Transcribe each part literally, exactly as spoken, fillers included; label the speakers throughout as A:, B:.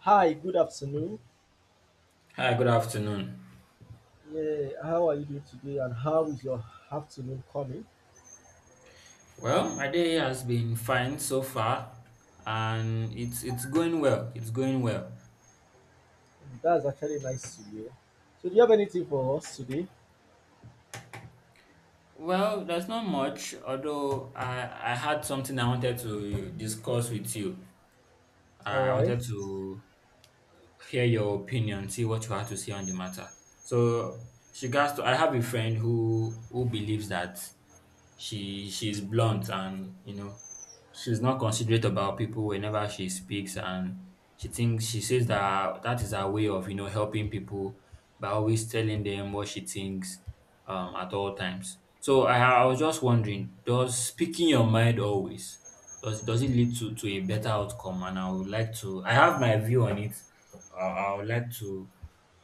A: Hi, good afternoon.
B: Hi, good afternoon.
A: Yeah, how are you doing today and how is your afternoon coming?
B: Well, my day has been fine so far, and it's it's going well. It's going well.
A: That's actually nice to hear. So, do you have anything for us today?
B: Well, there's not much, although I I had something I wanted to discuss with you.
A: All
B: I
A: right.
B: wanted to hear your opinion, see what you had to say on the matter. So, she regards to I have a friend who who believes that she she's blunt and you know she's not considerate about people whenever she speaks, and she thinks she says that that is her way of you know helping people by always telling them what she thinks um, at all times. So I, I was just wondering, does speaking your mind always does does it lead to to a better outcome? And I would like to. I have my view on it. Uh, I would like to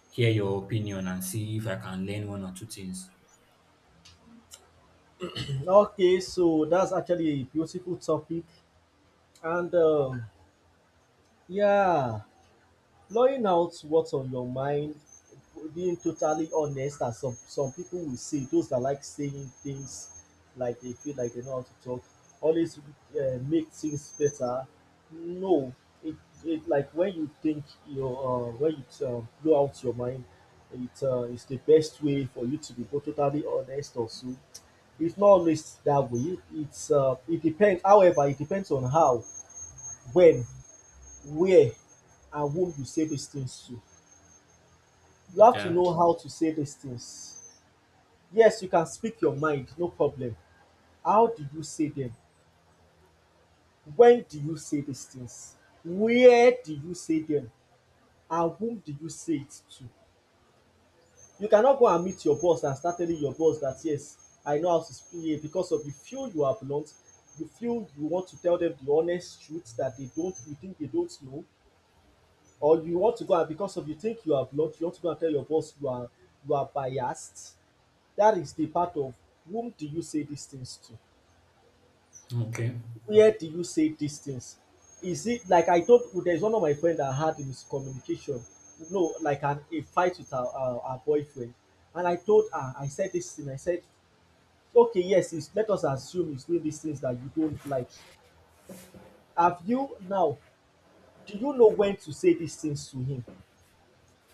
B: hear your opinion and see if I can learn one or two things.
A: Okay, so that's actually a beautiful topic. And um, yeah, blowing out what's on your mind, being totally honest, as some some people will say, those that like saying things like they feel like they know how to talk, always uh, make things better. No, it, it like when you think your uh, when you uh, blow out your mind, it uh, is the best way for you to be both totally honest also. It's not always that way. It's uh, it depends. However, it depends on how, when, where, and whom you say these things to. You have to
B: Yeah.
A: know how to say these things. Yes, you can speak your mind, no problem. How did you say them? When do you say these things? Where do you say them? And whom did you say it to? You cannot go and meet your boss and start telling your boss that, yes, I know how to speak here because of the few you have learnt, the few you want to tell them the honest truth that they don't, you think they don't know, or you want to go and, because of you think you have learnt, you want to go and tell your boss you are you are biased. That is the part of whom do you say these things to?
B: Okay.
A: Where do you say these things? Is it like I told there's one of my friend that had a miscommunication, no, like an a fight with her, her her boyfriend, and I told her, I said this thing. I said, okay, yes, it's, let us assume he's doing these things that you don't like. Have you now? Do you know when to say these things to him,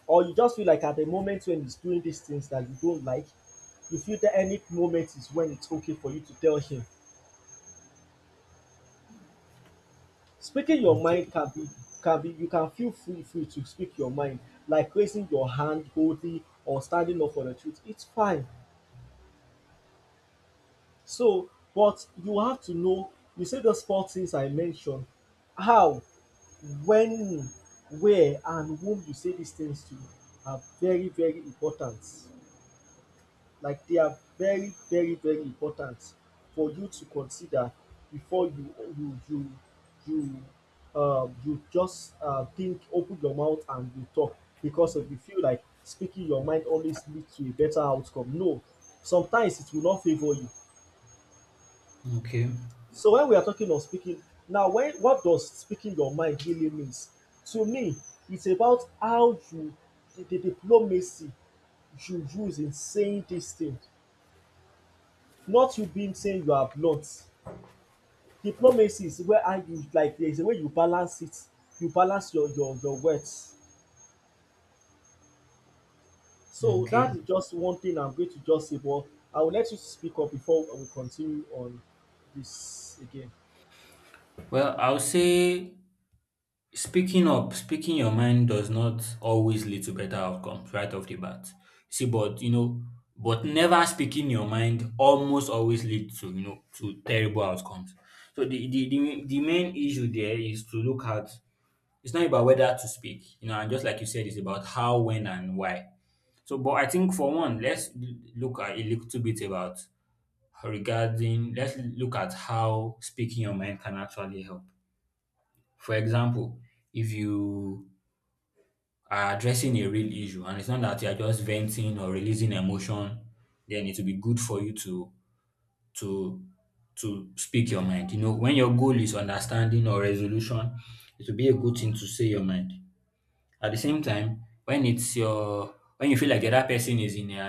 A: or you just feel like at the moment when he's doing these things that you don't like, you feel that any moment is when it's okay for you to tell him. Speaking your
B: Okay.
A: mind can be can be you can feel free free to speak your mind, like raising your hand boldly or standing up for the truth. It's fine. So, but you have to know, you see those four things I mentioned, how, when, where, and whom you say these things to are very, very important, like they are very, very, very important for you to consider before you you you you um you just uh, think, open your mouth, and you talk, because if you feel like speaking your mind always leads to a better outcome, no, sometimes it will not favor you.
B: Okay.
A: So when we are talking of speaking, now, when what does speaking your mind really means to me, it's about how you the, the diplomacy you use in saying these things, not you being saying you are blunt. Diplomacy is where, how you, like, there is a way you balance it, you balance your your your words. So
B: Okay.
A: that is just one thing I'm going to just say, but I will let you speak up before we continue on this again.
B: Well, I'll say, speaking up, speaking your mind does not always lead to better outcomes right off the bat. See, but you know, but never speaking your mind almost always leads to, you know, to terrible outcomes. So the the, the the main issue there is to look at, it's not about whether to speak, you know, and just like you said, it's about how, when, and why. So, but I think for one, let's l- look at a little bit about regarding. Let's look at how speaking your mind can actually help. For example, if you are addressing a real issue and it's not that you're just venting or releasing emotion, then it will be good for you to to to speak your mind, you know, when your goal is understanding or resolution, it will be a good thing to say your mind. At the same time, when it's your when you feel like the other person is in a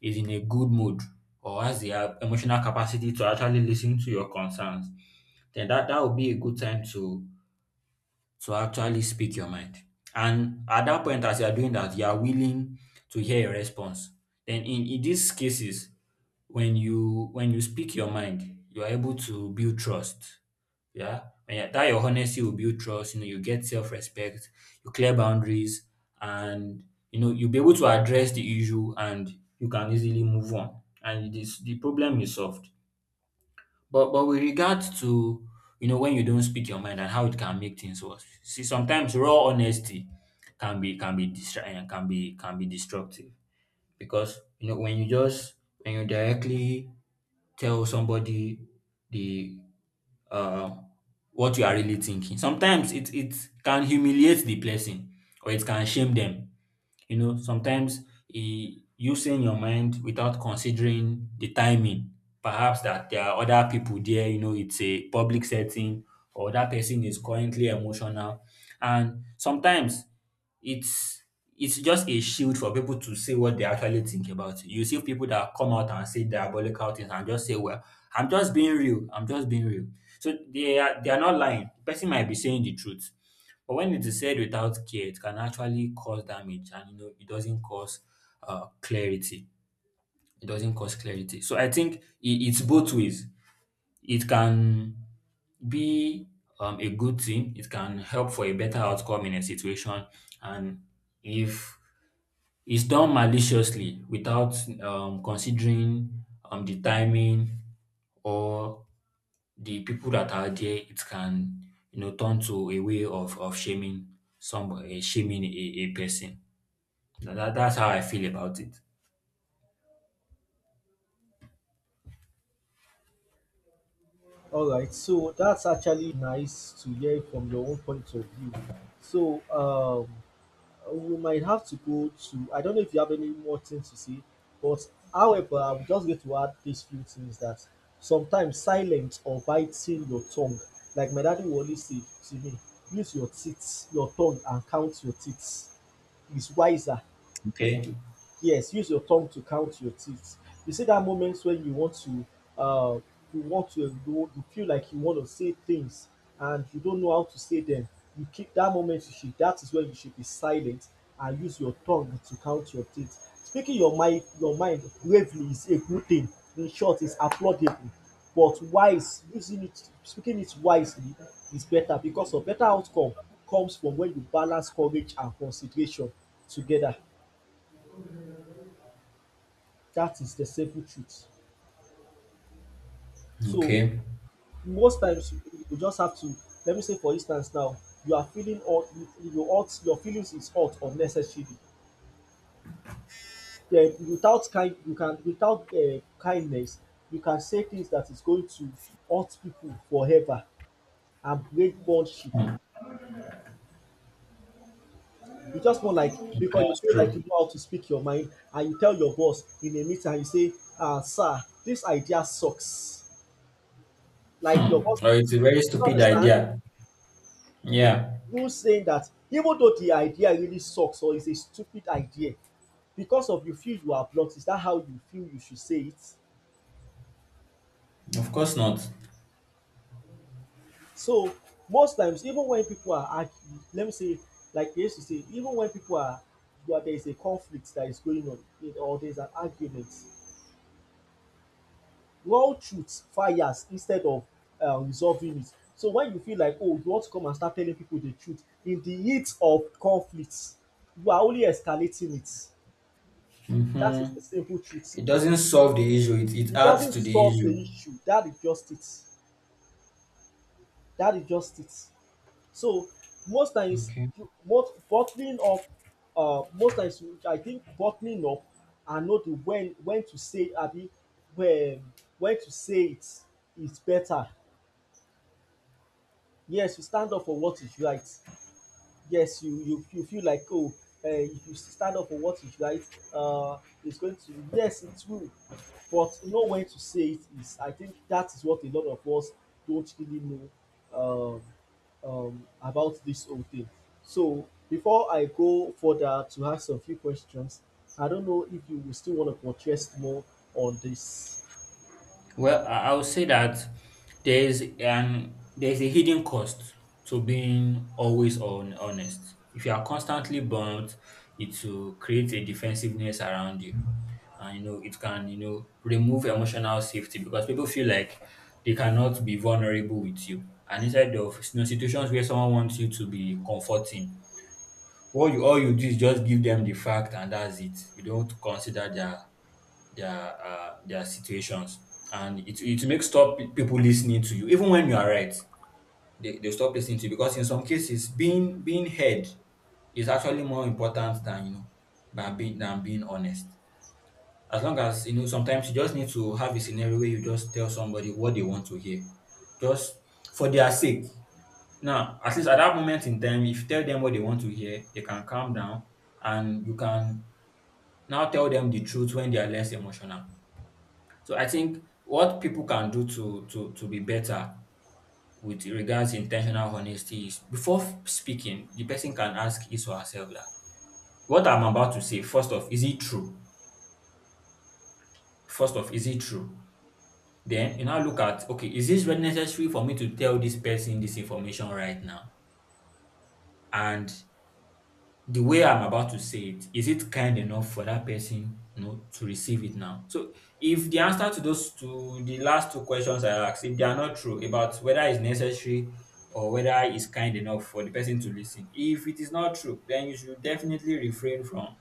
B: is in a good mood or has the uh, emotional capacity to actually listen to your concerns, then that that would be a good time to to actually speak your mind. And at that point, as you are doing that, you are willing to hear a response. Then in, in these cases, when you when you speak your mind, you are able to build trust. Yeah. And yeah, that your honesty will build trust, you know, you get self-respect, you clear boundaries, and you know, you'll be able to address the issue and you can easily move on. And this, the problem is solved. But but with regards to, you know, when you don't speak your mind and how it can make things worse. See, sometimes raw honesty can be can be distra- eh, can be can be destructive because you know when you just when you directly tell somebody the uh, what you are really thinking. Sometimes it it can humiliate the person or it can shame them, you know, sometimes e you saying your mind without considering the timing. Perhaps that there are other people there, you know, it's a public setting or that person is currently emotional. And sometimes it's it's just a shield for people to say what they actually think about. You see people that come out and say diabolical things and just say, well, I'm just being real. I'm just being real. So they are they are not lying. The person might be saying the truth. But when it is said without care, it can actually cause damage and you know it doesn't cause uh, clarity. It doesn't cause clarity. So I think i- it's both ways. It can be um, a good thing. It can help for a better outcome in a situation. And if it's done maliciously without um, considering um, the timing or the people that are there, it can, you know, turn to a way of of shaming somebody, shaming a, a person. Tha- That, that's how I feel about it.
A: All right, so that's actually nice to hear from your own point of view. So um we might have to go to I don't know if you have any more things to say, but however, I'm just going to add these few things, that sometimes silence or biting your tongue, like my daddy will always say to me, use your teeth, your tongue, and count your teeth, is wiser.
B: Okay.
A: Yes, use your tongue to count your teeth. You see that moment when you want to um you want to go you feel like you want to say things, and you don't know how to say them, you keep that moment you should that is when you should be silent and use your tongue to count your teeth. Speaking your mind your mind bravely is a good thing. In short, it's applaudable. But wise using it speaking it wisely is better, because of better outcome comes from when you balance courage and consideration together. That is the simple truth. So
B: Okay.
A: most times you you just have to, let me say, for instance, now you are feeling hot, you you hot your feelings is hot unnecessarily, then without kind you can without um kindness, you can say things that is going to hurt people forever and break bondship. You just want, like, because you
B: That's
A: feel like
B: true.
A: you know how to speak your mind, and you tell your boss in a meeting and you say, ah, sir, this idea sucks, like your boss.
B: Or it's a very
A: Do you
B: stupid
A: understand?
B: idea.
A: you
B: Yeah.
A: you saying that, even though the idea really sucks or is a stupid idea, because of you feel you are blocked, is that how you feel you should say it?
B: Of course not.
A: So most times, even when people are arguing, let me say, like they used to say, even when people are, where there is a conflict that is going on, in- or there is an argument, raw truth fires instead of um, resolving it. So when you feel like, oh, you want to come and start telling people the truth in the heat of conflict, you are only escalating it. That is
B: Mm-hmm.
A: the simple truth.
B: It doesn't solve the issue. It, it
A: It
B: adds
A: doesn't
B: to the
A: solve the
B: issue.
A: issue. That is just it. That is just it. So most times
B: Okay.
A: you- most bottling up, uh, most times you- I think bottling up and know the when when to say, abi, um when to say it, is better. Yes, you stand up for what is right. Yes, you you you feel like, oh, um if you stand up for what is right, um it's going to, yes, it will, but know when to say it, is, I think, that is what a lot of us don't really know um, um, about this whole thing. So before I go further to ask a few questions, I don't know if you will still want to contrast more on this.
B: Well, I I would say that there's an there's a hidden cost to being always on honest. If you are constantly burnt, it will create a defensiveness around you. And you know, it can, you know, remove emotional safety because people feel like they cannot be vulnerable with you. And instead of you know, situations where someone wants you to be comforting, what you all you do is just give them the fact and that's it. You don't consider their their uh, their situations and it, it makes stop people listening to you even when you are right, they, they stop listening to you because in some cases being being heard is actually more important than, you know, than being than being honest. As long as you know sometimes you just need to have a scenario where you just tell somebody what they want to hear, just for their sake. Now at least at that moment in time, if you tell them what they want to hear, they can calm down and you can now tell them the truth when they are less emotional. So I think what people can do to to to be better with regards to intentional honesty is before f- speaking, the person can ask his or herself that what I'm about to say, first off, is it true? First off, is it true? Then you now look at, okay, is this really necessary for me to tell this person this information right now? And the way I'm about to say it, is it kind enough for that person, you know, to receive it now? So if the answer to those two, the last two questions I asked, if they are not true about whether it's necessary or whether it's kind enough for the person to listen, if it is not true, then you should definitely refrain from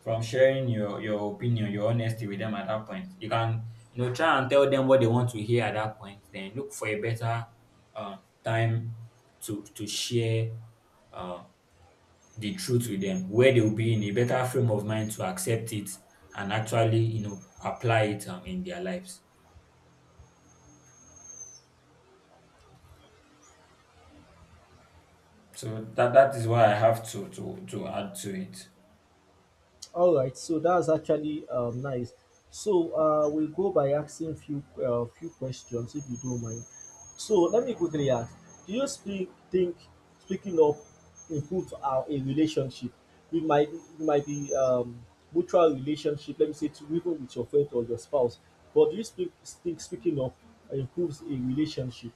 B: from sharing your your opinion, your honesty with them at that point. You can, you know, try and tell them what they want to hear at that point. Then look for a better uh, time to to share uh, the truth with them where they'll be in a better frame of mind to accept it and actually you know apply it um, in their lives. So that that is why I have to to to add to it.
A: All right, so that's actually um, nice. So uh, we'll go by asking few uh, few questions if you don't mind. So let me quickly ask: Do you speak think speaking up improves our a relationship? It might it might be um, mutual relationship. Let me say, to even with your friend or your spouse. But do you speak think speaking up improves a relationship?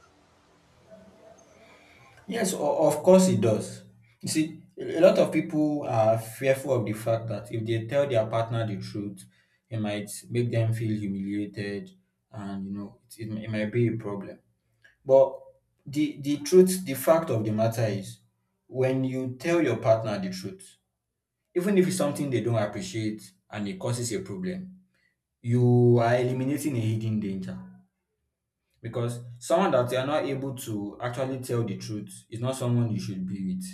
B: Yes, o- of course it does. You see, a lot of people are fearful of the fact that if they tell their partner the truth, it might make them feel humiliated, and you know, it, it, it might be a problem. But the the truth, the fact of the matter is, when you tell your partner the truth, even if it's something they don't appreciate and it causes a problem, you are eliminating a hidden danger. Because someone that you are not able to actually tell the truth is not someone you should be with.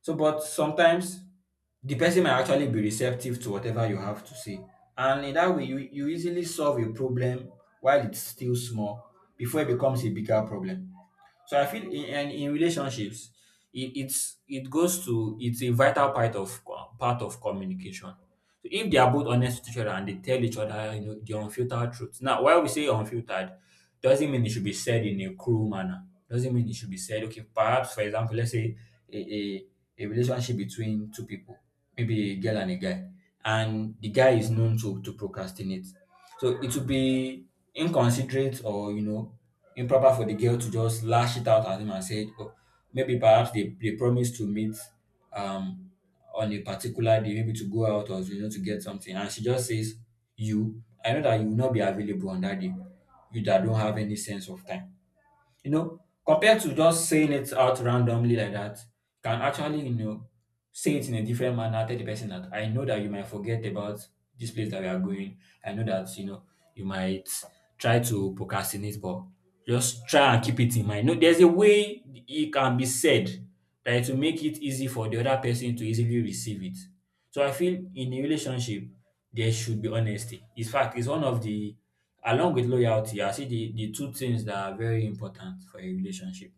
B: So, but sometimes the person might actually be receptive to whatever you have to say. And in that way, you, you easily solve a problem while it's still small before it becomes a bigger problem. So I feel in in, in relationships, it, it's it goes to it's a vital part of uh, part of communication. So if they are both honest with each other and they tell each other, you know, the unfiltered truth. Now, while we say unfiltered, doesn't mean it should be said in a cruel manner. Doesn't mean it should be said. Okay, perhaps for example, let's say a a, a relationship between two people, maybe a girl and a guy, and the guy is known to to procrastinate. So it would be inconsiderate or you know improper for the girl to just lash it out at him and said, oh, maybe perhaps they, they promised to meet um on a particular day, maybe to go out or you know to get something, and she just says, "You, I know that you will not be available on that day. You that don't have any sense of time." You know, compared to just saying it out randomly like that, you can actually, you know, say it in a different manner, tell the person that I know that you might forget about this place that we are going. I know that, you know, you might try to procrastinate, but just try and keep it in mind. No, there's a way it can be said that it will make it easy for the other person to easily receive it. So I feel in a relationship there should be honesty. In fact, it's one of the along with loyalty, I see the, the two things that are very important for a relationship.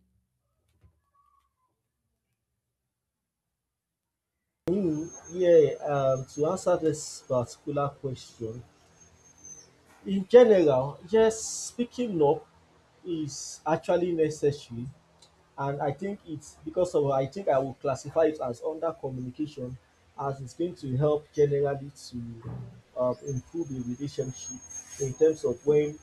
A: Hmm, yeah. Um, to answer this particular question, in general, yes, speaking up is actually necessary, and I think it's because of I think I would classify it as under communication, as it's going to help generally to um, improve the relationship, in terms of when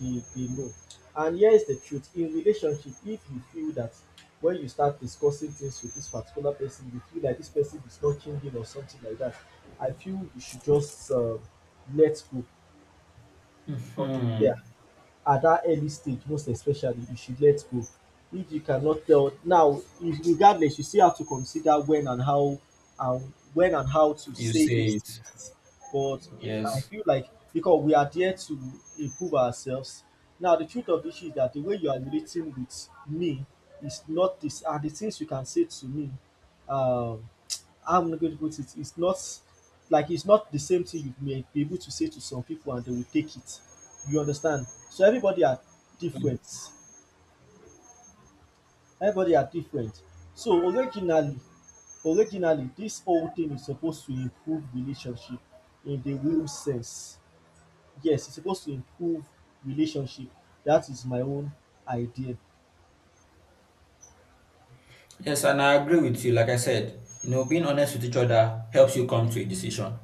A: they, they know. And here's the truth in relationship, if you feel that when you start discussing things with this particular person, you feel like this person is not changing or something like that, I feel you should just um let go of the
B: Hmm.
A: fear. At that early stage most especially you should let go. If you cannot tell now, if regardless you still have to consider when and how and when and how to
B: You
A: say
B: say
A: these
B: it.
A: things. But if I
B: Yes.
A: feel like, because we are there to improve ourselves, now the truth of the issue is that the way you are relating with me is not, this are the things you can say to me, um how am I going to put it, it's not, like it's not the same thing you may be able to say to some people and they will take it. You understand? So everybody are different. Everybody are different. So originally, originally this whole thing is supposed to improve relationship, in the real sense. Yes, it's supposed to improve relationship. That is my own idea.
B: Yes, and I agree with you. Like I said, you know, being honest with each other helps you come to a decision.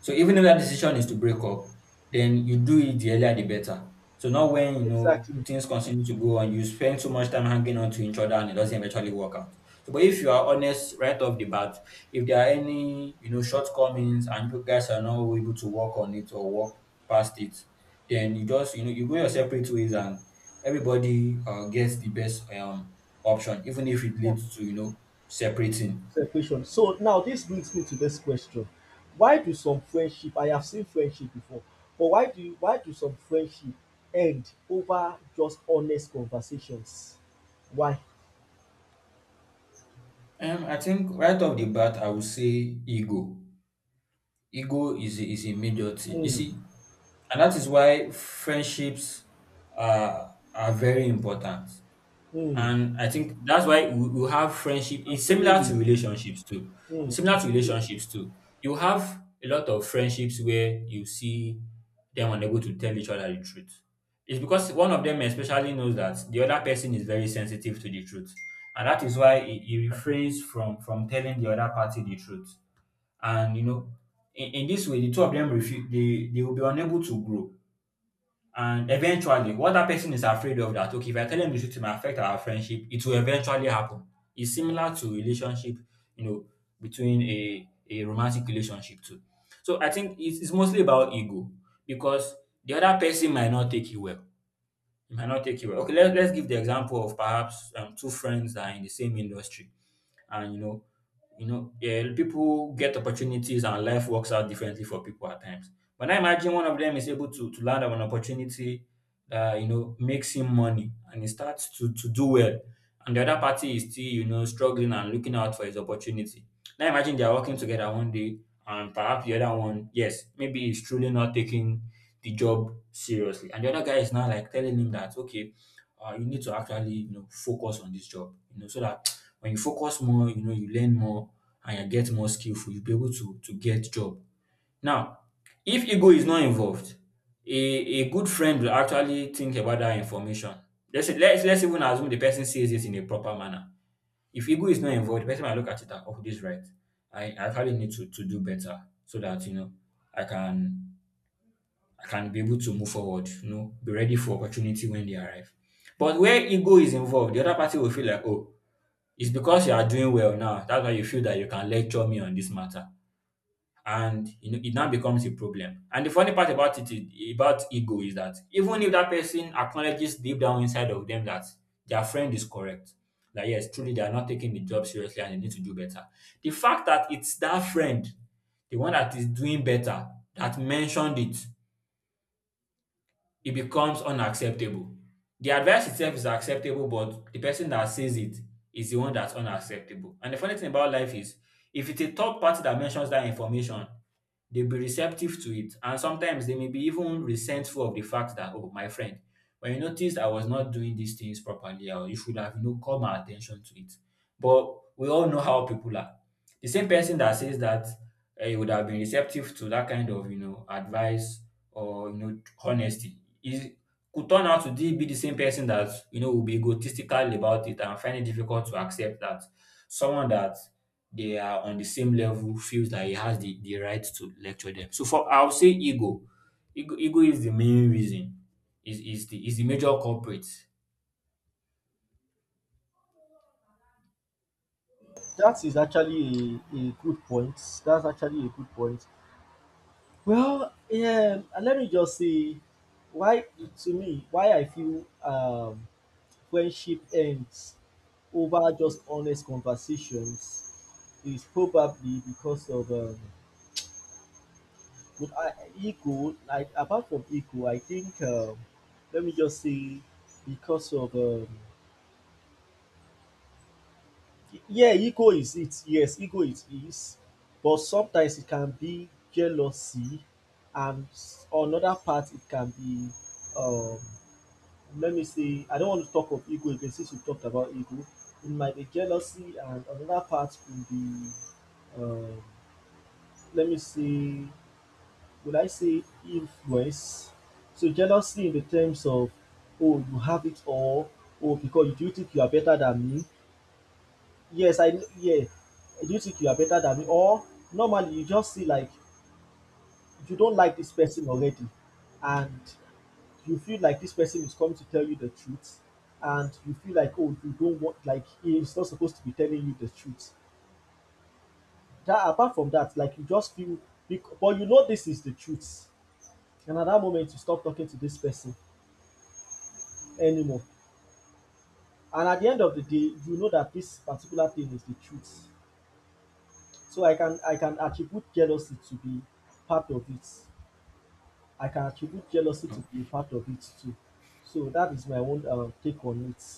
B: So even if that decision is to break up, then you do it the earlier the better. So not when you know
A: Exactly.
B: things continue to go on, you spend so much time hanging on to each other and it doesn't eventually work out. So, but if you are honest right off the bat, if there are any you know shortcomings and you guys are not able to work on it or work past it, then you just you know you go your separate ways and everybody uh, gets the best um option even if it leads to you know separating.
A: Separation. So now this brings me to this question. Why do some friendship, I have seen friendship before, but why do you why do some friendship end over just honest conversations? Why?
B: um I think right off the bat I would say ego. Ego is a, is a major thing you
A: Mm,
B: see, and that is why friendships are are very important.
A: mm,
B: And I think that's why we, we have friendship.
A: I'm
B: It's
A: feeling
B: similar to
A: you.
B: relationships too. It's
A: Mm,
B: similar
A: I'm feeling
B: to
A: you.
B: relationships too. You have a lot of friendships where you see them unable to tell each other the truth. It's because one of them especially knows that the other person is very sensitive to the truth. And that is why he, he refrains from, from telling the other party the truth. And you know, in, in this way, the two of them refu- they, they will be unable to grow, and eventually, what that person is afraid of, that okay, if I tell them the truth, it may affect our friendship, it will eventually happen. It's similar to relationship, you know, between a a romantic relationship too. So I think it's, it's mostly about ego, because the other person might not take you well. You might not take you well. Okay, let, let's give the example of perhaps um, two friends that are in the same industry, and you know you know, yeah, people get opportunities and life works out differently for people at times, but I imagine one of them is able to, to land on an opportunity that you know makes him money and he starts to, to do well, and the other party is still you know struggling and looking out for his opportunity. Now imagine they are working together one day, and perhaps the other one, yes, maybe he's truly not taking the job seriously, and the other guy is now like telling him that okay, uh, you need to actually you know focus on this job you know, so that when you focus more, you know, you learn more, and you get more skillful, you'll be able to, to get job. Now, if ego is not involved, a, a good friend will actually think about that information. Let's, let's let's even assume the person says it in a proper manner. If ego is not involved, the person might look at it and oh, this is right. I, I actually need to, to do better so that you know I can I can be able to move forward, you know, be ready for opportunity when they arrive. But where ego is involved, the other party will feel like, oh, it's because you are doing well now. That's why you feel that you can lecture me on this matter. And you know, it now becomes a problem. And the funny part about it, is- about ego, is that even if that person acknowledges deep down inside of them that their friend is correct, that yes, truly they are not taking the job seriously and they need to do better, the fact that it's that friend, the one that is doing better, that mentioned it, it becomes unacceptable. The advice itself is acceptable, but the person that says it is the one that's unacceptable. And the funny thing about life is if it's a third party that mentions that information, they'll be receptive to it. And sometimes they may be even resentful of the fact that, oh, my friend, when you noticed I was not doing these things properly, or you should have, you know, called my attention to it. But we all know how people are. The same person that says that eh, he would have been receptive to that kind of, you know, advice, or, you know, honesty is could turn out to be the same person that you know will be egotistical about it and find it difficult to accept that someone that they are on the same level feels that he has the, the right to lecture them. So for I'll say ego. Ego, ego is the main reason. Is is the is the major culprit.
A: That is actually a, a good point. That's actually a good point. Well, yeah, and let me just say, why to me why I feel um friendship ends over just honest conversations is probably because of, um, with I, ego. Like, apart from ego, I think, um, let me just say, because of, um, yeah, ego is it. Yes, ego it is, but sometimes it can be jealousy, and s- another part, it can be um, let me say, I don't want to talk of ego again since we talked about ego. It might be jealousy, and another part could be um, let me see, would I say influence. So jealousy in the terms of, oh, you have it all, oh, because you do you think you are better than me? Yes, I kn- yeah. Do you think you are better than me? Or normally you just see like you don't like this person already, and you feel like this person is coming to tell you the truth, and you feel like, oh, you don't want, like, he's not supposed to be telling you the truth. That apart from that, like, you just feel bec- but you know this is the truth, and at that moment you stop talking to this person anymore, and at the end of the day you know that this particular thing is the truth. So i can i can attribute jealousy to be part of it. I can attribute jealousy to be part of it too. So that is my own uh, take on it.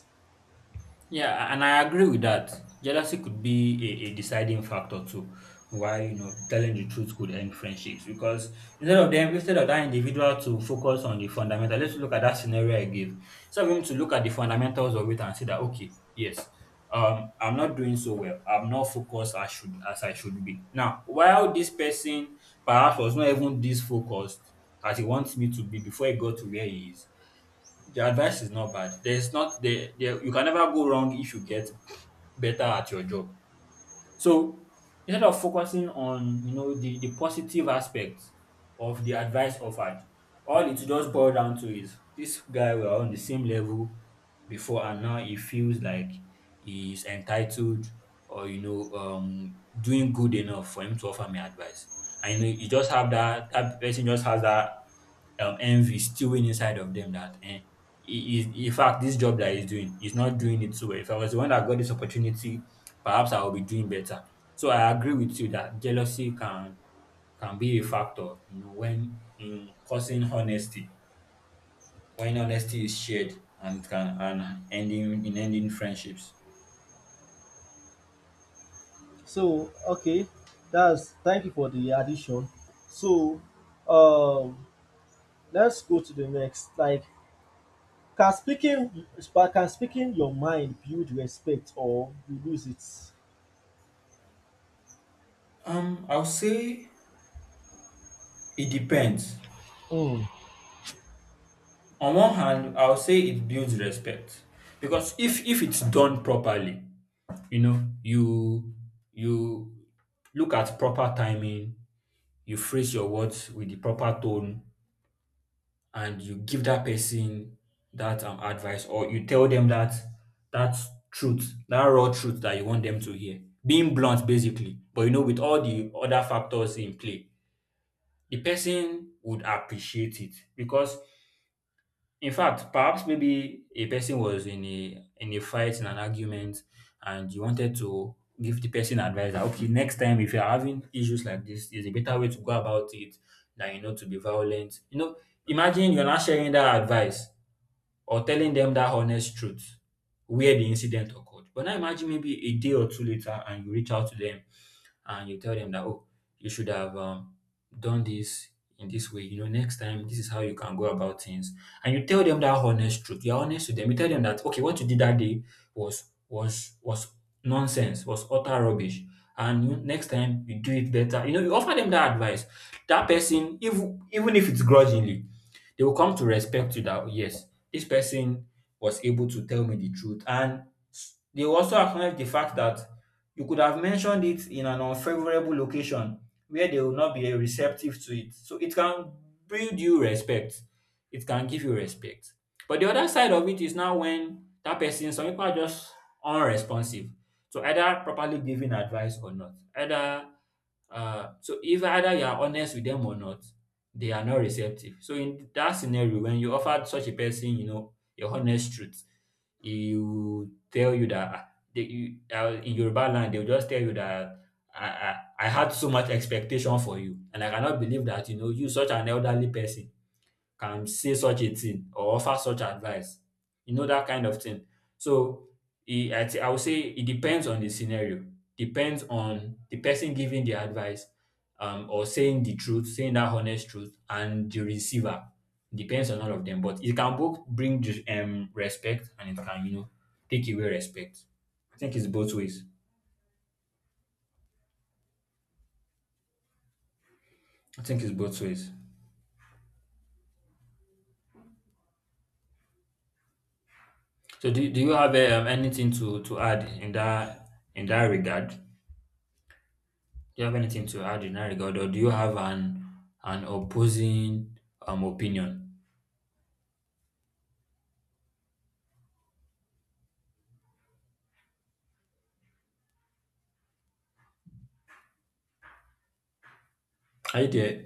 B: Yeah, and I agree with that. Jealousy could be a, a deciding factor too. Why you know telling the truth could end friendships, because instead of them instead of that individual to focus on the fundamental, let's look at that scenario I gave. So for him to look at the fundamentals of it and say that okay, yes, um, I'm not doing so well. I'm not focused as should as I should be. Now, while this person perhaps was not even this focused as he wants me to be before he got to where he is, the advice is not bad. There's not there, there you can never go wrong if you get better at your job. So instead of focusing on you know the, the positive aspects of the advice offered, all it just boils down to is this guy were on the same level before, and now he feels like he's entitled, or you know um doing good enough for him to offer me advice. And you know you just have that that person just has that um, envy stewing inside of them that eh, he, he, in fact this job that he's doing he's not doing it so well. If I was the one that got this opportunity, perhaps I would be doing better. So I agree with you that jealousy can can be a factor you know when in causing honesty when honesty is shared, and it can and ending in ending friendships.
A: So, okay, that's thank you for the addition. So um let's go to the next, like, can speaking but can speaking your mind build respect, or you lose it?
B: um I'll say it depends.
A: Hmm.
B: On one hand I'll say it builds respect, because if if it's done properly. You know, you you look at proper timing, you phrase your words with the proper tone, and you give that person that um, advice, or you tell them that that truth, that raw truth that you want them to hear. Being blunt, basically, but you know, with all the other factors in play, the person would appreciate it because in fact, perhaps maybe a person was in a in a fight, in an argument, and you wanted to give the person advice that okay, next time if you're having issues like this, there's a better way to go about it than you know to be violent. You know, imagine you're not sharing that advice or telling them that honest truth where the incident occurred. But now imagine maybe a day or two later and you reach out to them and you tell them that oh you should have um, done this in this way, you know, next time this is how you can go about things, and you tell them that honest truth, you're honest to them, you tell them that okay what you did that day was was was nonsense, was utter rubbish, and you- next time you do it better, you know, you offer them that advice. That person, even even if it's grudgingly, they will come to respect you, that oh, yes, this person was able to tell me the truth. And they also acknowledge the fact that you could have mentioned it in an unfavorable location where they will not be receptive to it. So it can build you respect. It can give you respect. But the other side of it is now when that person, some people are just unresponsive. So either properly giving advice or not. Either uh, so if either you are honest with them or not, they are not receptive. So in that scenario, when you offered such a person, you know, your honest truth, he will tell you that ah, they, you, uh, in Yoruba land, they'll just tell you that I, I, I had so much expectation for you, and I cannot believe that you know you such an elderly person can say such a thing or offer such advice. You know that kind of thing. So e- I thi- I would say it depends on the scenario, depends on the person giving the advice, um, or saying the truth, saying that honest truth, and the receiver. Depends on all of them, but it can both bring ju- um respect, and it can you know take away respect. I think it's both ways. I think it's both ways. So do, do you have um, anything to to add in that in that regard? Do you have anything to add in that regard, or do you have an an opposing um opinion? Are you there?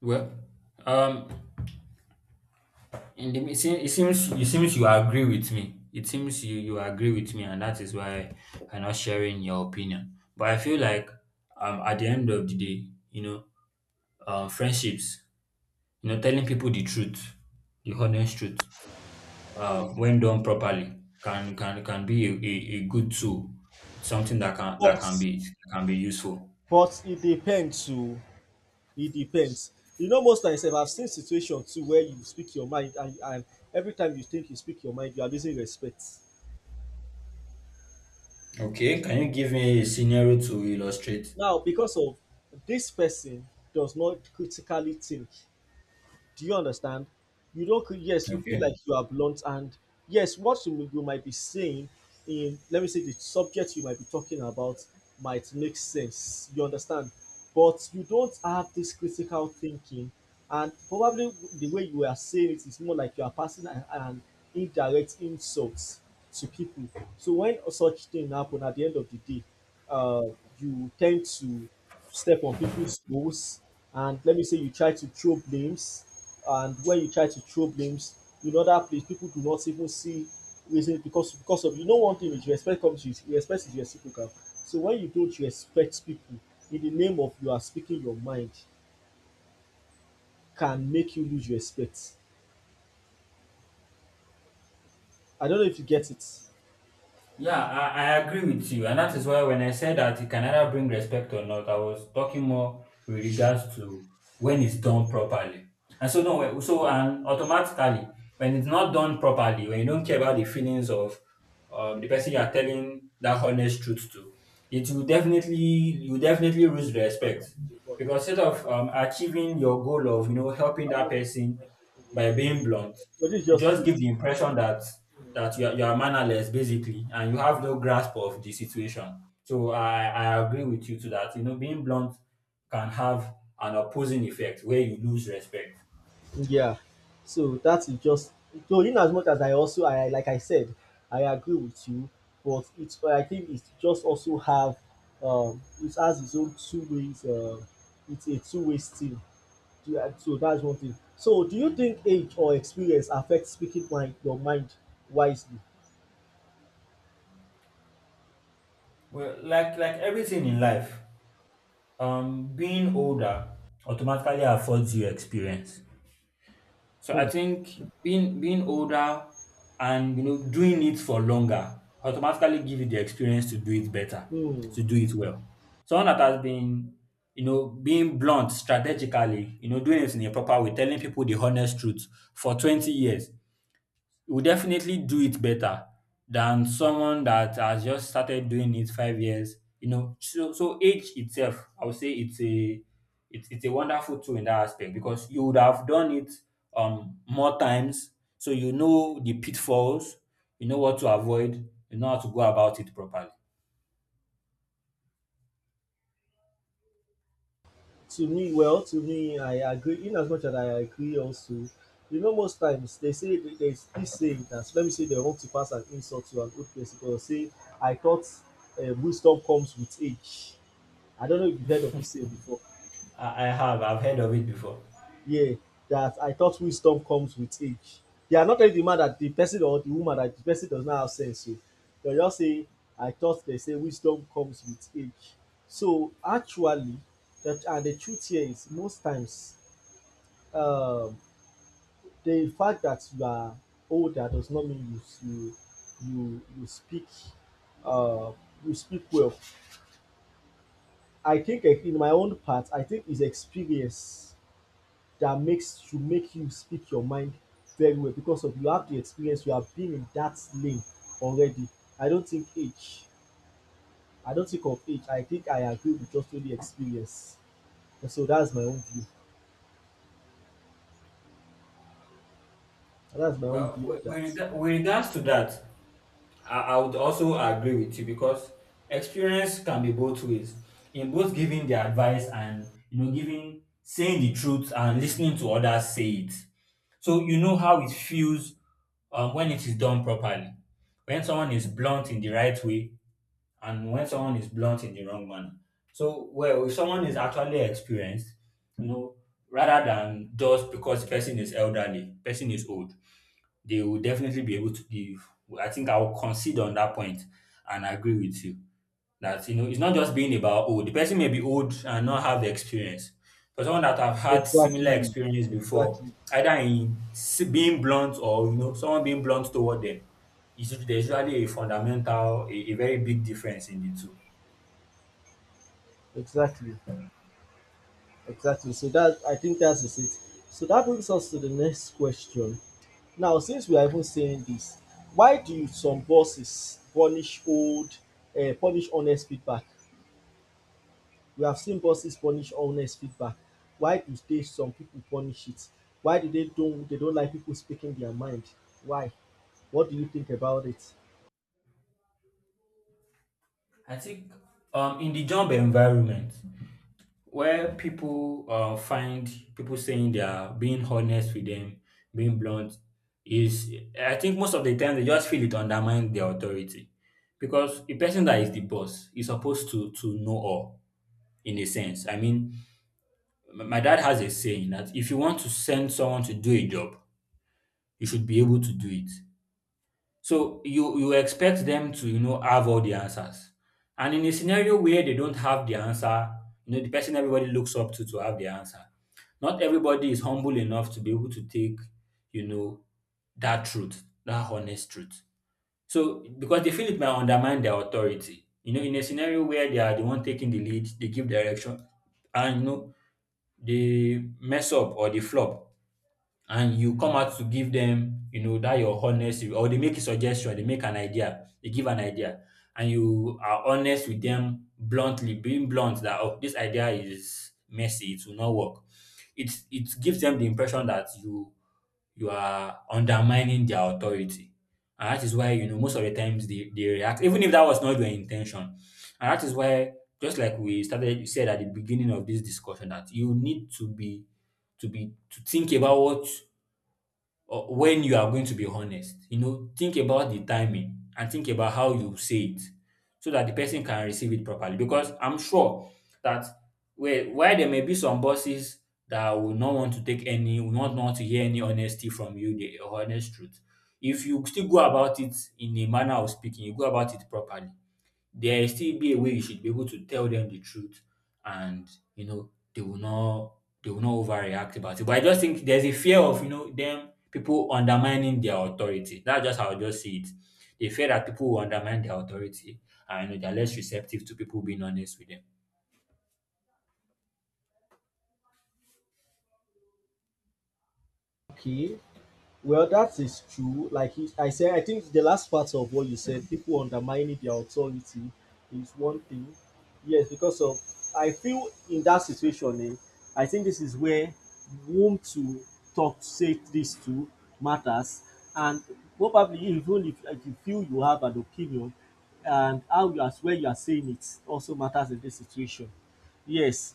B: Well, um, in the it seems it seems it seems you agree with me. It seems you you agree with me, and that is why I'm not sharing your opinion. But I feel like um at the end of the day, you know, um friendships, you know, telling people the truth, the honest truth. uh, when done properly, can can can be a, a, a good tool. It's something that can that
A: but
B: can be can be useful.
A: but it depends too, e depends. You know, most times sef I have seen situation too where you speak your mind, and and every time you think you speak your mind you are losing respect
B: Okay, can you give me a scenario to illustrate?
A: now, because of this person does not critically think. Do you understand? You don't, cre- yes, you feel like
B: Okay.
A: you are blunt, and yes, what you, m- you might be saying in, let me say, the subject you might be talking about might make sense. You understand? But you don't have this critical thinking, and probably the way you are saying it is more like you are passing an, an indirect insults to people. So when such thing happen, at the end of the day, uh, you tend to step on people's toes, and let me say you try to throw blames, and when you try to throw blames in other place, people do not even see reason, because because of, you know, one thing is respect comes with respect is reciprocal. So when you don't respect people in the name of you are speaking your mind, can make you lose respect. I don't know if you get it. So
B: Yeah, I, I agree with you. And that is why when I said that it can either bring respect or not, I was talking more with regards to when it's done properly. And so, no, so, and automatically, when it's not done properly, when you don't care about the feelings of um, the person you are telling that honest truth to, it will definitely, you will definitely lose respect. Because instead of um, achieving your goal of, you know, helping that person by being blunt,
A: this is
B: you
A: just
B: just give
A: sweet.
B: the impression that that you are, you are mannerless basically, and you have no grasp of the situation. So I, I agree with you to that. You know, being blunt can have an opposing effect where you lose respect.
A: Yeah, so that is just, so in as much as I also I like I said, I agree with you, but it's but I think it's just also have, um it has its own two ways, um it's a two way street. Do I so that's one thing. So do you think age or experience affect speaking mind your mind wisely?
B: Well, like like everything in life, um, being older automatically affords you experience. So I
A: Hmm,
B: think being being older and you know doing it for longer automatically give you the experience to do it better,
A: hmm.
B: to do it well. Someone that has been you know being blunt strategically, you know doing it in a proper way, telling people the honest truth for twenty years, will definitely do it better than someone that has just started doing it five years. You know, so so age itself, I would say it's a it's, it's a wonderful tool in that aspect because you would have done it um more times, so you know the pitfalls, you know what to avoid, you know how to go about it properly.
A: To me well to me, I agree, in as much as I agree also, you know, most times they say, there is this saying that, let me say, they want to pass an insult to an old person, but they'll say, I thought, um wisdom comes with age. I don't know if you've heard of this saying before.
B: I, I have I've heard of it before.
A: Yeah, that I thought wisdom comes with age. They are not telling the man that the person, or the woman that the person, does not have sense oo. They just say, I thought they say wisdom comes with age. So actually that, and the truth here is, most times, um the fact that you are older does not mean you you you, you speak uh, you speak well. I think, eh, in my own part, I think it's experience that makes should make you speak your mind very well, because of you have the experience, you have been in that lane already. I don't think age. I don't think of age. I think I agree with just only experience. And so that's my own view. That's my own
B: Well,
A: view
B: with,
A: of
B: with,
A: that.
B: rega- with regards to that, I, I would also agree with you because experience can be both ways in both giving the advice and you know giving saying the truth and listening to others say it so you know how it feels um, when it is done properly, when someone is blunt in the right way and when someone is blunt in the wrong manner. So well, if someone is actually experienced, you know, rather than just because the person is elderly person is old, they will definitely be able to give. I think I'll concede on that point and agree with you that you know it's not just being about old. The person may be old and not have the experience. For someone that have had similar
A: Exactly.
B: experience before,
A: Exactly.
B: either in s- being blunt or you know someone being blunt toward them, is usu- there's usually a fundamental, a, a very big difference in the two.
A: Exactly. Exactly. So that, I think that is it. So that brings us to the next question. Now, since we are even saying this, why do some bosses punish old, uh, punish honest feedback? We have seen bosses punish honest feedback. Why do they some people punish it? Why do they don't they don't like people speaking their mind? Why? What do you think about it?
B: I think um in the job environment, where people uh, find people saying they are being honest with them, being blunt, is I think most of the time they just feel it undermines their authority. Because a person that is the boss is supposed to to know all in a sense. I mean, m- my dad has a saying that if you want to send someone to do a job, you should be able to do it. So you you expect them to, you know, have all the answers. And in a scenario where they don't have the answer, you know, the person everybody looks up to to have the answer. Not everybody is humble enough to be able to take, you know, that truth, that honest truth. So because they feel it might undermine their authority. You know, in a scenario where they are the one taking the lead, they give direction and you know they mess up or they flop and you come out to give them, you know, that your honest, or they make a suggestion, they make an idea, they give an idea, and you are honest with them bluntly, being blunt that oh, this idea is messy, it will not work. It it gives them the impression that you you are undermining their authority. And that is why, you know, most of the times they, they react, even if that was not your intention. And that is why, just like we started you said at the beginning of this discussion, that you need to be to be to think about what uh, when you are going to be honest. You know, think about the timing and think about how you say it so that the person can receive it properly. Because I'm sure that where why there may be some bosses that will not want to take any, will not want to hear any honesty from you, the honest truth. If you still go about it in a manner of speaking, you go about it properly, there still be a way you should be able to tell them the truth and you know they will not they will not overreact about it. But I just think there's a fear of you know them people undermining their authority. That's just how I just see it. They fear that people will undermine their authority and you know, they're less receptive to people being honest with them.
A: Okay, well, that is true. Like, you, I said, I think the last part of what you said, people undermining their authority, is one thing. Yes, because of I feel in that situation, eh, I think this is where whom to talk, say this to matters, and probably even if, if you feel you have an opinion, and how you as where you are saying it also matters in this situation. Yes,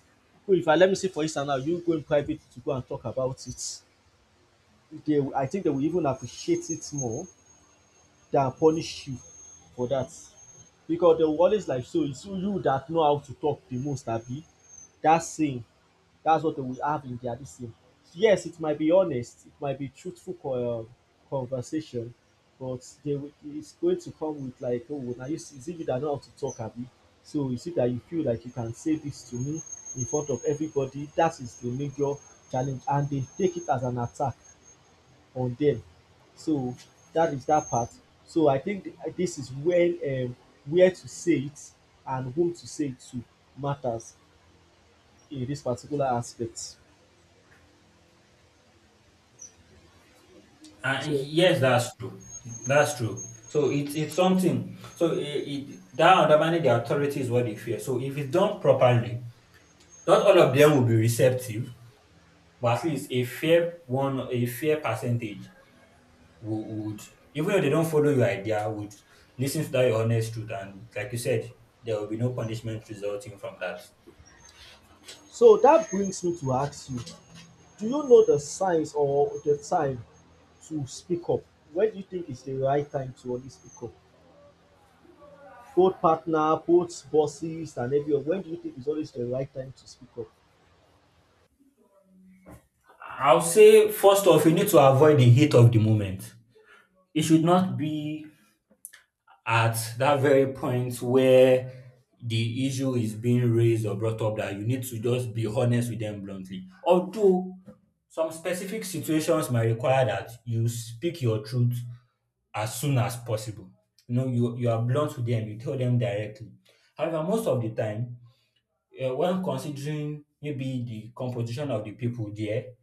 A: if I let me say for instance now, you go in private to go and talk about it, they I think they will even appreciate it more than punish you for that. Because they will always like, so it's you that know how to talk the most, abi? That's saying, that's what they will have in their this thing. Yes, it might be honest, it might be truthful, co- um, conversation, but they will, it's going to come with like, oh, now you see, is it you that know how to talk, abi? So you see that you feel like you can say this to me in front of everybody. That is the major challenge, and they take it as an attack on them. So that is that part. So I think th- this is when, um, where to say it and whom to say it to matters in this particular aspect.
B: And
A: So
B: yes, that's true. That's true. So it's it's something. So it, it that undermining the authority is what they fear. So if it's done properly, not all of them will be receptive, but at least a fair one, a fair percentage would, would even if they don't follow your idea, would listen to that your honest truth. And like you said, there will be no punishment resulting from that.
A: so that brings me to ask you, do you know the signs or the time to speak up? When do you think is the right time to only speak up? Both partner, both bosses and everyone, when do you think is always the right time to speak up?
B: I'll say, first off, you need to avoid the heat of the moment. It should not be at that very point where the issue is being raised or brought up that you need to just be honest with them bluntly. Although some specific situations might require that you speak your truth as soon as possible. You know, you, you are blunt with them, you tell them directly. However, most of the time, uh, when considering maybe the composition of the people there,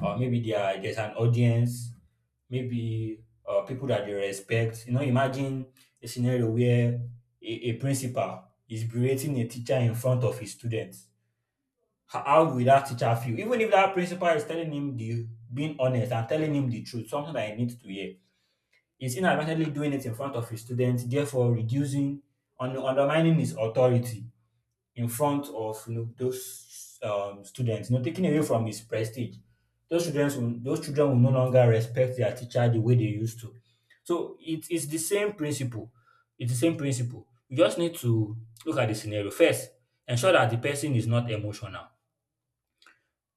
B: or maybe there there's an audience, maybe uh, people that they respect. You know, imagine a scenario where a, a principal is berating a teacher in front of his students. Ho- How will that teacher feel? Even if that principal is telling him the being honest and telling him the truth, something that he needs to hear, he's inadvertently doing it in front of his students, therefore reducing, un- undermining his authority in front of you know, those um, students, you know, taking away from his prestige. Those students, will, those children will no longer respect their teacher the way they used to. So it is the same principle. It's the same principle. You just need to look at the scenario. First, ensure that the person is not emotional.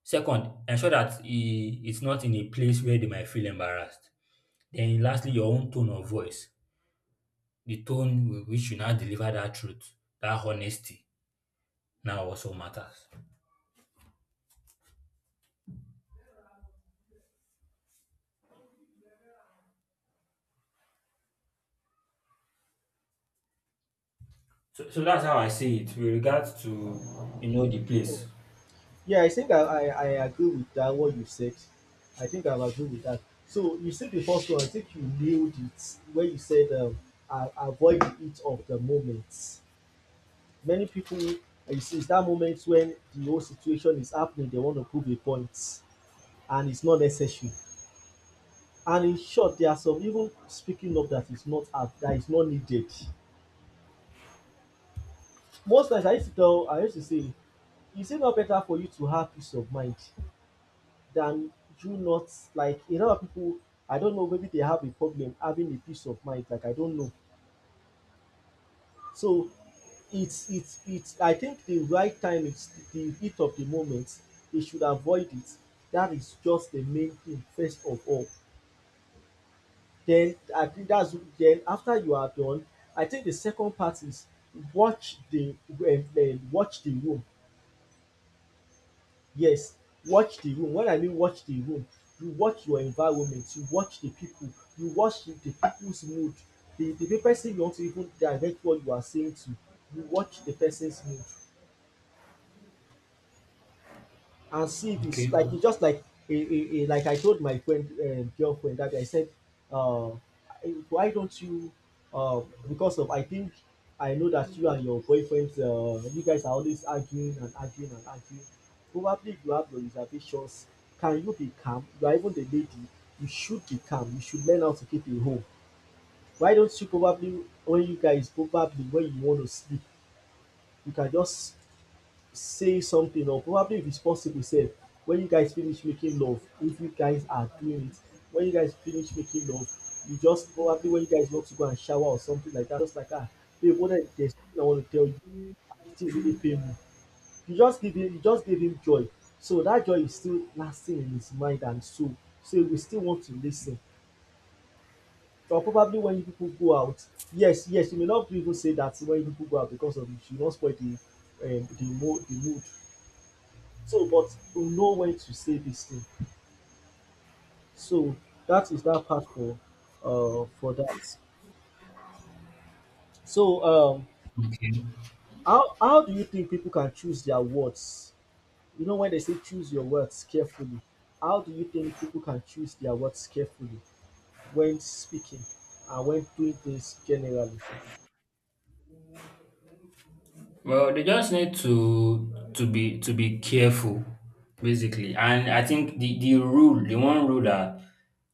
B: Second, ensure that he it's not in a place where they might feel embarrassed. Then, lastly, your own tone of voice, the tone with which you now deliver that truth, that honesty, now also matters. So, so that's how I see it with regards to you know the place.
A: Yeah, I think I I I agree with that, what you said. I think I agree with that. So you said the first one. I think you nailed it when you said, um, a- avoid the heat of the moment. Many people, uh, you see, it's that moment when the whole situation is happening. They want to prove a point, and it's not necessary. And in short, there are some even speaking up that is not up, that is not needed. Most times, I used to tell, I used to say, is it not better for you to have peace of mind than you not, like a lot of people, I don't know, maybe they have a problem having a peace of mind, like, I don't know. So it's it's it's I think the right time is the heat of the moment. They should avoid it. That is just the main thing first of all. Then I think that's then, after you are done, I think the second part is watch the um um, watch the room. Yes, watch the room. When I mean watch the room, you watch your environment, you watch the people, you watch the people's mood. The the person you want to even direct what you are saying to, you watch the person's mood, and see if it's
B: Okay.
A: like, it's just like a, a, a like I told my friend um, girlfriend, that I said, uh, why don't you? Uh, because of, I think I know that you and your boyfriend, uh, you guys are always arguing and arguing and arguing. Probably, if you have your reservations. Can you be calm? You are even the lady. You should be calm. You should learn how to keep a home. Why don't you, probably when you guys probably when you want to sleep, you can just say something, or probably responsible sef, when you guys finish making love, if you guys are doing it, when you guys finish making love, you just, probably when you guys want to go and shower or something like that, just like, ah, babe, what I there's something I want to tell you, the thing really pain me. You just give him you just gave him joy, so that joy is still lasting in his mind and soul, so he will still want to lis ten. Or probably when you people go out, yes yes, you may not even say that when you people go out, because of it you don spoil the um the mo the mood. So, but we know when to say this thing. So that is that part for uh for that. So um
B: Okay.
A: how how do you think people can choose their words? You know, when they say choose your words carefully, how do you think people can choose their words carefully when speaking and when doing things generally?
B: Well, they just need to to be to be careful, basically. And I think the the rule, the one rule that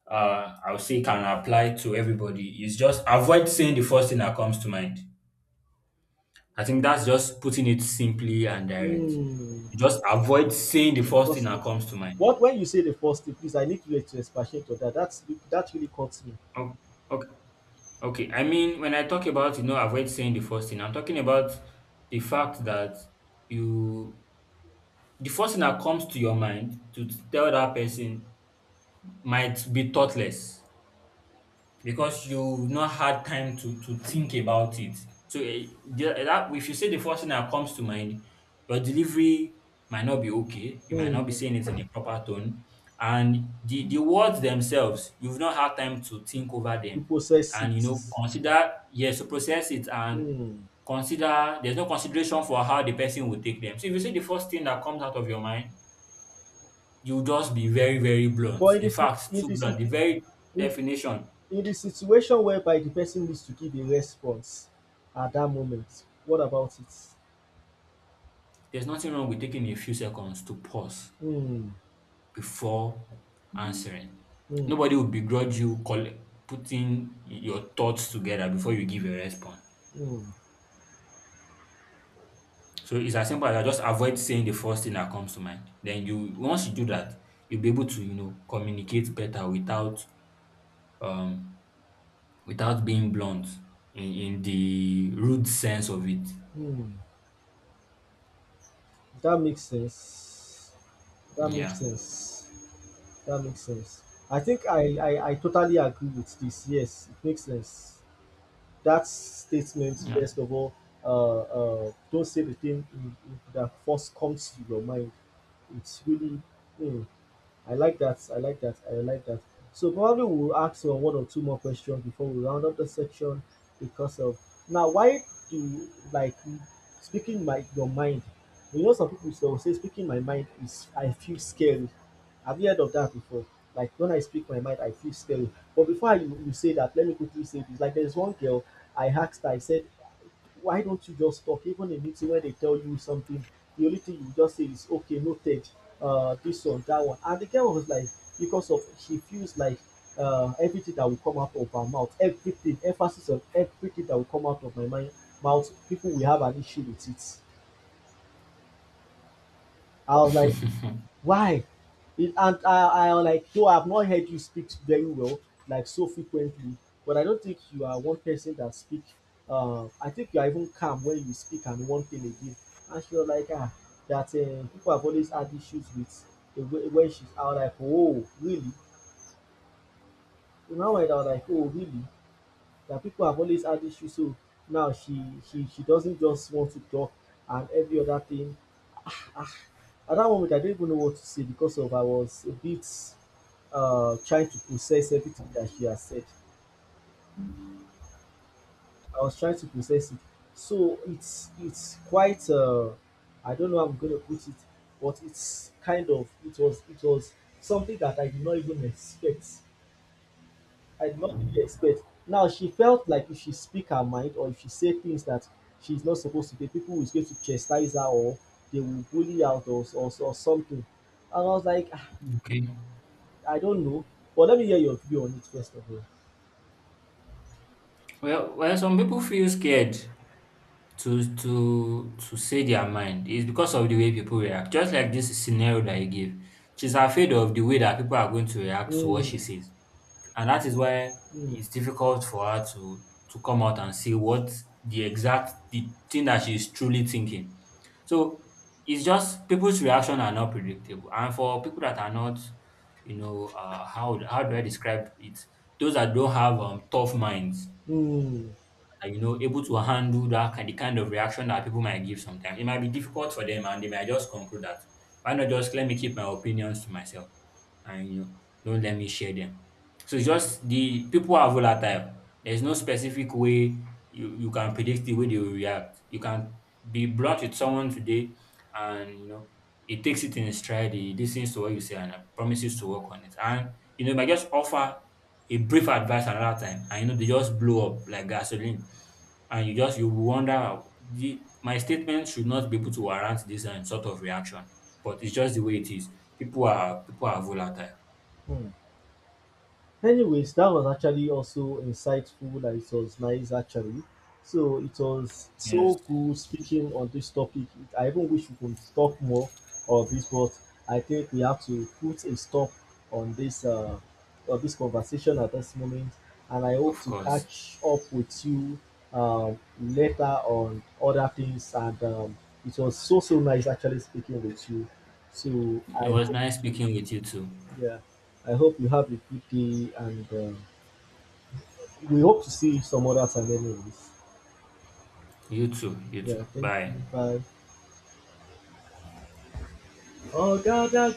B: uh I would say can apply to everybody is just avoid saying the first thing that comes to mind. I think that's just putting it simply and direct.
A: Hmm.
B: You just avoid saying the
A: The
B: first thing
A: first
B: that
A: thing.
B: comes to mind.
A: What when you say the first thing, please, I need you to expatiate on that. That's that really caught me.
B: Oh, okay. Okay, I mean, when I talk about you know avoid saying the first thing, I'm talking about the fact that you the first thing that comes to your mind to tell that person might be thoughtless because you've not had time to to think about it. So eh, the- eh, that if you say the first thing that comes to mind, your delivery might not be okay. You might
A: Hmm.
B: not be saying it in a proper tone, and the the words themselves, you've not had time to think over
A: The
B: them,
A: process
B: and you know
A: it.
B: consider yes to process it and
A: Hmm.
B: consider there's no consideration for how the person will take them. So if you say the first thing that comes out of your mind, you just be very very blunt.
A: But in
B: In
A: the, si-
B: fact,
A: in
B: too
A: the,
B: blunt.
A: si-
B: The very
A: in
B: definition.
A: the, in the situation whereby the person needs to give a response at that moment, what about it?
B: There's nothing wrong with taking a few seconds to pause
A: Hmm,
B: before answering.
A: hmm,
B: Nobody will begrudge you call, putting your thoughts together before you give a response.
A: hmm,
B: So it's as simple as that. Just avoid saying the first thing that comes to mind. Then you once you do that, you'll be able to you know communicate better without um without being blunt in, in the rude sense of it.
A: hmm. That makes sense. That makes
B: Yeah,
A: sense. That makes sense. I think I, I, I totally agree with this. Yes, it makes sense. That statement,
B: yeah.
A: first of all, uh, uh, don't say the thing in- in- that first comes to your mind. It's really, hmm, I like that. I like that. I like that. So probably we'll ask, uh, one or two more questions before we round up the section, because of, now, why do, like, speaking my your mind? You know, some people will say speaking my mind is, I feel scary. Have you heard of that before? Like, when I speak my mind, I feel scary. But before you, you say that, let me quickly say this. Like, there's one girl I asked her, I said, why don't you just talk? Even in meeting when they tell you something, the only thing you just say is, okay, noted, uh, this one, that one. And the girl was like, because of she feels like, uh, everything that will come out of her mouth, everything, emphasis on everything that will come out of my mind, mouth, people will have an issue with it. I was like, why? It, and I, I like, though I've not heard you speak very well, like, so frequently, but I don't think you are one person that speak. Uh, I think you are even calm when you speak, and one thing again. And she was like, ah, that, uh, people have always had issues with the way when she's out. Like, oh, really? You know, when I was like, oh, really? That people have always had issues. So now she she she doesn't just want to talk and every other thing. At that moment, I didn't even know what to say, because of I was a bit, uh, trying to process everything that she has said. I was trying to process it, so it's it's quite. Uh, I don't know how I'm going to put it, but it's kind of it was it was something that I did not even expect. I did not really expect. Now she felt like if she speak her mind, or if she say things that she's not supposed to say, people is going to chastise her, or they will bully her out, or, or, or something. And I was like,
B: Okay.
A: I don't know, but let me hear your view on it first of all.
B: Well, well, some people feel scared to to to say their mind is because of the way people react. Just like this scenario that you gave, she's afraid of the way that people are going to react to what she
A: Mm,
B: says, and that is why
A: mm,
B: it's difficult for her to to come out and say what the exact the thing that she is truly thinking. So it's just people's reaction are not predictable, and for people that are not, you know, uh, how how do I describe it? Those that don't have um, tough minds
A: mm,
B: and, you know, able to handle that kind, the kind of reaction that people might give sometimes. It might be difficult for them, and they might just conclude that why not just let me keep my opinions to myself, and you know, don't let me share them. So it's just the people are volatile. There's no specific way you, you can predict the way they will react. You can be blunt with someone today, and you know, it takes it in stride. He listens to what you say and uh, promises to work on it. And you know, if I just offer a brief advice another time and you know they just blow up like gasoline, and you just you wonder the, my statement should not be able to warrant this um, sort of reaction. But it's just the way it is. People are people are volatile.
A: mm. Anyways, that was actually also insightful. That it was nice actually. So it was
B: Yes,
A: so cool speaking on this topic. I even wish we could talk more of this, but I think we have to put a stop on this, uh on this conversation at this moment. And I hope
B: of
A: to
B: course.
A: catch up with you um later on other things. And um, it was so so nice actually speaking with you. So
B: It
A: I
B: was
A: hope
B: nice speaking with you too.
A: yeah, I hope you have a good day, and. Um, we hope to see you somewhere else and anyways.
B: You too you too
A: Yeah, thank you.
B: bye.
A: Bye. Oh, God, God.